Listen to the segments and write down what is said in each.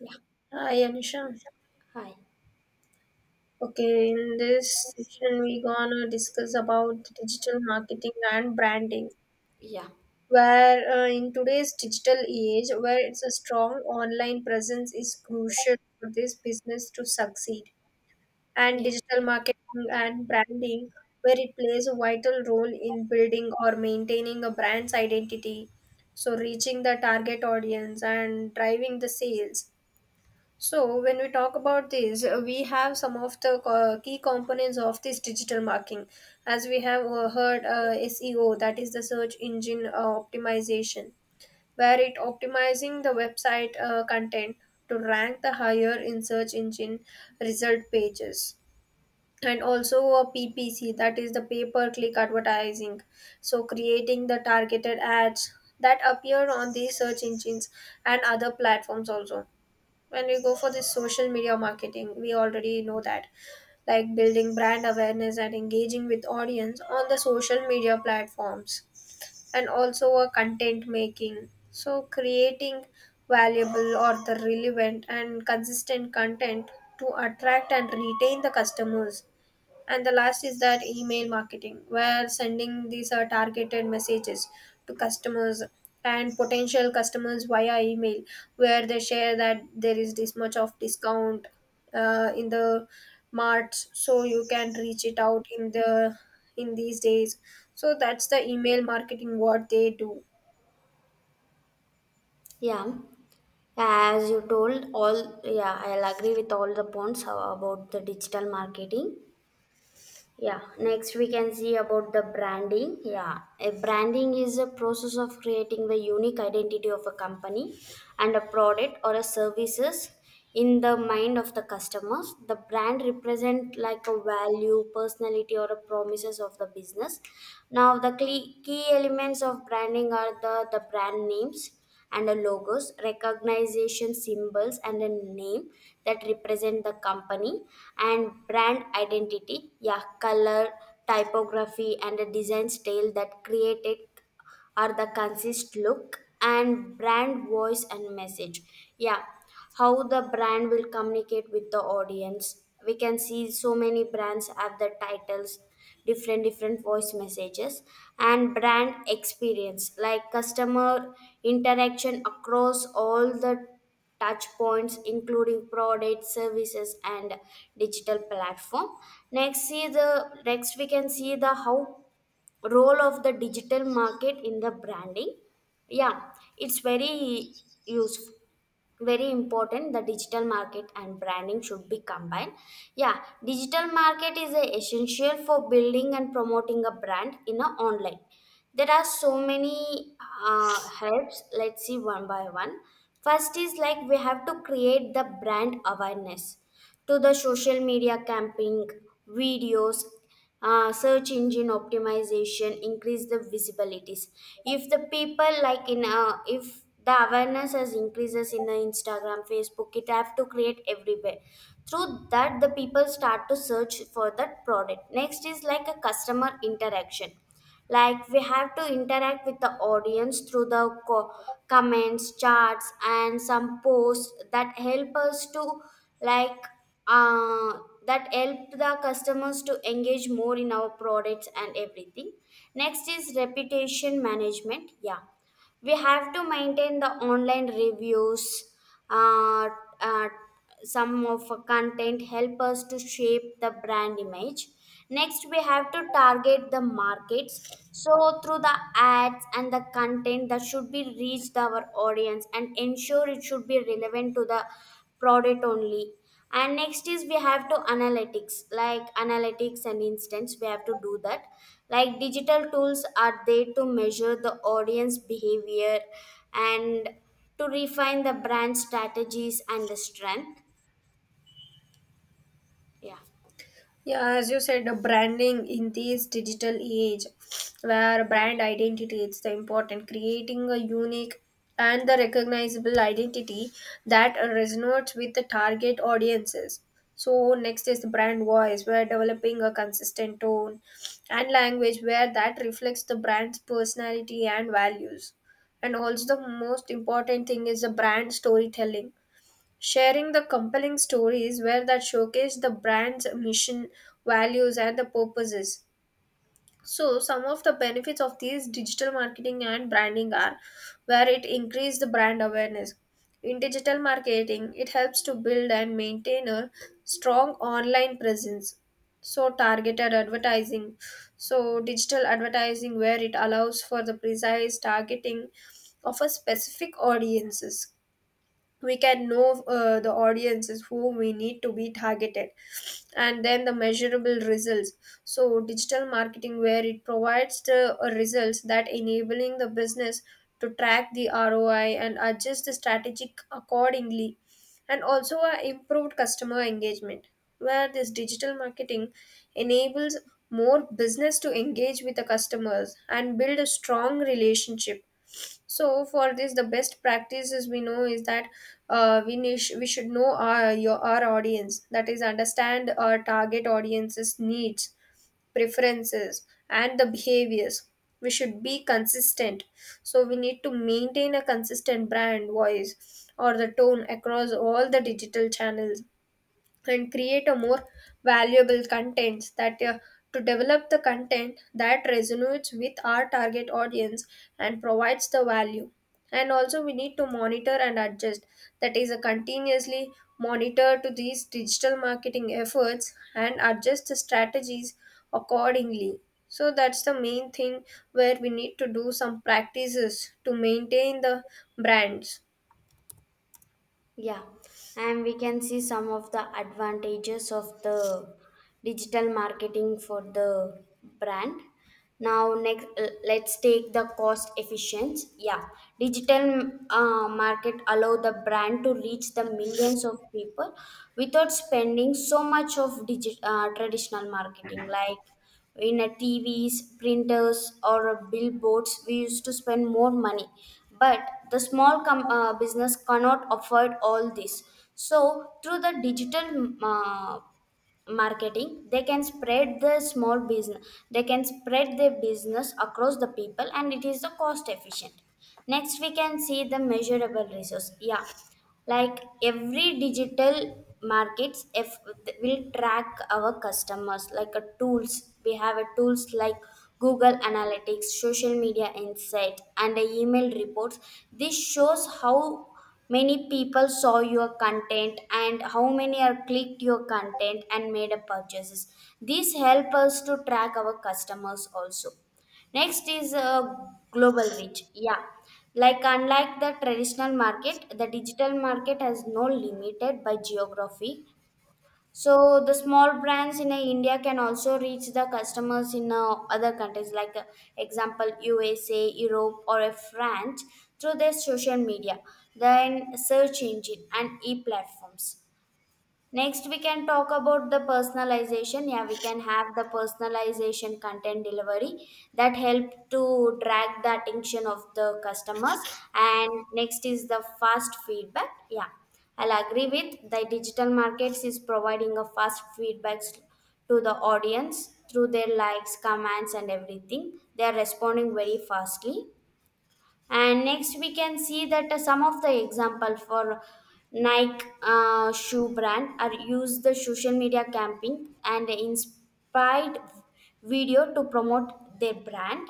Yeah, Hi Anisha. hi. Okay, in this session we gonna discuss about the digital marketing and branding. Yeah, Where In today's digital age, where it's a strong online presence is crucial for this business to succeed, and yeah, digital marketing and branding, where it plays a vital role in building or maintaining a brand's identity, so reaching the target audience and driving the sales. So, when we talk about this, we have some of the key components of this digital marketing. As we have heard, SEO, that is the search engine optimization, where it optimizing the website content to rank the higher in search engine result pages. And also a PPC, that is the pay per click advertising. So, creating the targeted ads that appear on these search engines and other platforms also. When we go for this social media marketing, we already know that, like, building brand awareness and engaging with audience on the social media platforms, and also a content making, so creating valuable or the relevant and consistent content to attract and retain the customers. And the last is that email marketing, where sending these targeted messages to customers and potential customers via email, where they share that there is this much of discount in the marts, so you can reach it out in the, in these days. So that's the email marketing what they do. yeah. As you told, all yeah, I'll agree with all the points about the digital marketing. Yeah, next we can see about the branding. Yeah, a branding is a process of creating the unique identity of a company and a product or a services in the mind of the customers. The brand represent like a value, personality or a promises of the business. Now the key elements of branding are the brand names and a logos, recognition symbols and a name that represent the company and brand identity, yeah, color, typography and a design style that created are the consist look and brand voice and message. Yeah, how the brand will communicate with the audience, we can see so many brands have the titles different voice messages and brand experience like customer interaction across all the touch points including product services and digital platform. next see the Next we can see the how role of the digital market in the branding. Yeah, it's very useful, very important the digital market and branding should be combined. Yeah, digital market is a essential for building and promoting a brand in a online. There are so many helps, let's see one by one. First is like we have to create the brand awareness to the social media camping, videos, search engine optimization, increase the visibilities. If the people like in if the awareness has increases in the Instagram, Facebook, it have to create everywhere. Through that the people start to search for that product. Next is like a customer interaction, like we have to interact with the audience through the co- comments, charts and some posts that help us to like uh, that help the customers to engage more in our products and everything. Next is reputation management. Yeah, we have to maintain the online reviews. uh, uh, some of our content help us to shape the brand image. Next we have to target the markets, so through the ads and the content that should be reached our audience and ensure it should be relevant to the product only. And next is we have to analytics, like analytics and instance we have to do that. Like digital tools are there to measure the audience behavior and to refine the brand strategies and the strength. yeah Yeah, as you said, the branding in this digital age, where yeah brand identity is the important, creating a unique and the recognizable identity that resonates with the target audiences. So next is the brand voice, where developing a consistent tone and language where that reflects the brand's personality and values. And also the most important thing is the brand storytelling, sharing the compelling stories where that showcase the brand's mission, values, and the purposes. So, some of the benefits of these digital marketing and branding are where it increases the brand awareness. In digital marketing, it helps to build and maintain a strong online presence. So, targeted advertising. So, digital advertising where it allows for the precise targeting of a specific audiences. We can know the audiences who we need to be targeted, and then the measurable results. So digital marketing where it provides the results that enabling the business to track the ROI and adjust the strategic accordingly. And also a improved customer engagement, where this digital marketing enables more business to engage with the customers and build a strong relationship. So for this, the best practices we know is that we should know our audience. That is, understand our target audience's needs, preferences, and the behaviors. We should be consistent. So we need to maintain a consistent brand voice or the tone across all the digital channels and create a more valuable contents that to develop the content that resonates with our target audience and provides the value. And also we need to monitor and adjust, that is, a continuously monitor to these digital marketing efforts and adjust the strategies accordingly. So that's the main thing where we need to do some practices to maintain the brands. yeah And we can see some of the advantages of the digital marketing for the brand. Now, next, let's take the cost efficiency. Yeah, digital market allow the brand to reach the millions of people without spending so much of traditional marketing like in a TVs, printers, or a billboards. We used to spend more money, but the business cannot afford all this. So, through the digital marketing, they can spread their business across the people and it is the cost efficient. Next we can see the measurable resource. Yeah, like every digital markets if will track our customers, like a tools, we have a tools like Google Analytics, social media insight and a email reports. This shows how many people saw your content and how many are clicked your content and made a purchases. This help us to track our customers also. Next is global reach. Yeah, like unlike the traditional market, the digital market has no limited by geography. So the small brands in India can also reach the customers in other countries, like example USA, Europe, or France, through their social media, then search engine and e platforms. Next, we can talk about the personalization. Yeah, we can have the personalization content delivery that help to drag the attention of the customers. And next is the fast feedback. Yeah, I'll agree with the digital markets is providing a fast feedbacks to the audience through their likes, comments, and everything. They are responding very fastly. And next we can see that some of the example for Nike shoe brand are use the social media camping and inspired video to promote their brand,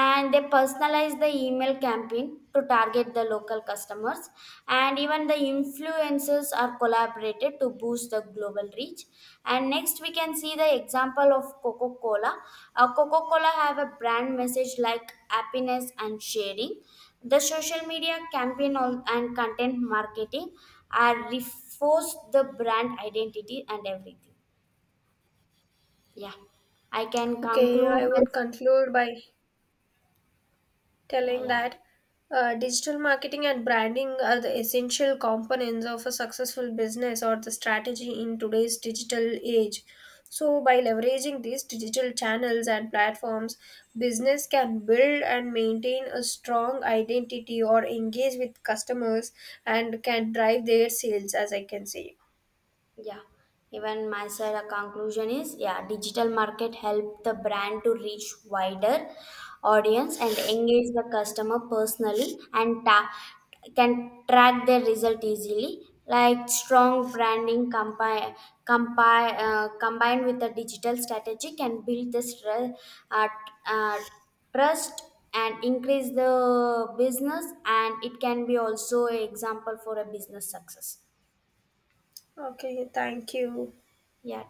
and they personalize the email campaign to target the local customers, and even the influencers are collaborated to boost the global reach. And next we can see the example of Coca-Cola. Coca-Cola have a brand message like happiness and sharing. The social media campaign and content marketing are reinforce the brand identity and everything. Yeah, I can Okay, I conclude by would conclude by yeah telling yeah that digital marketing and branding are the essential components of a successful business or the strategy in today's digital age. So, by leveraging these digital channels and platforms, business can build and maintain a strong identity or engage with customers and can drive their sales, as I can say. yeah, even my side a conclusion is, yeah, digital market help the brand to reach wider audience and engage the customer personally can track their result easily. Like strong branding combined with the digital strategy can build uh, t- uh, trust and increase the business, and it can be also an example for a business success. Okay, thank you. Yeah,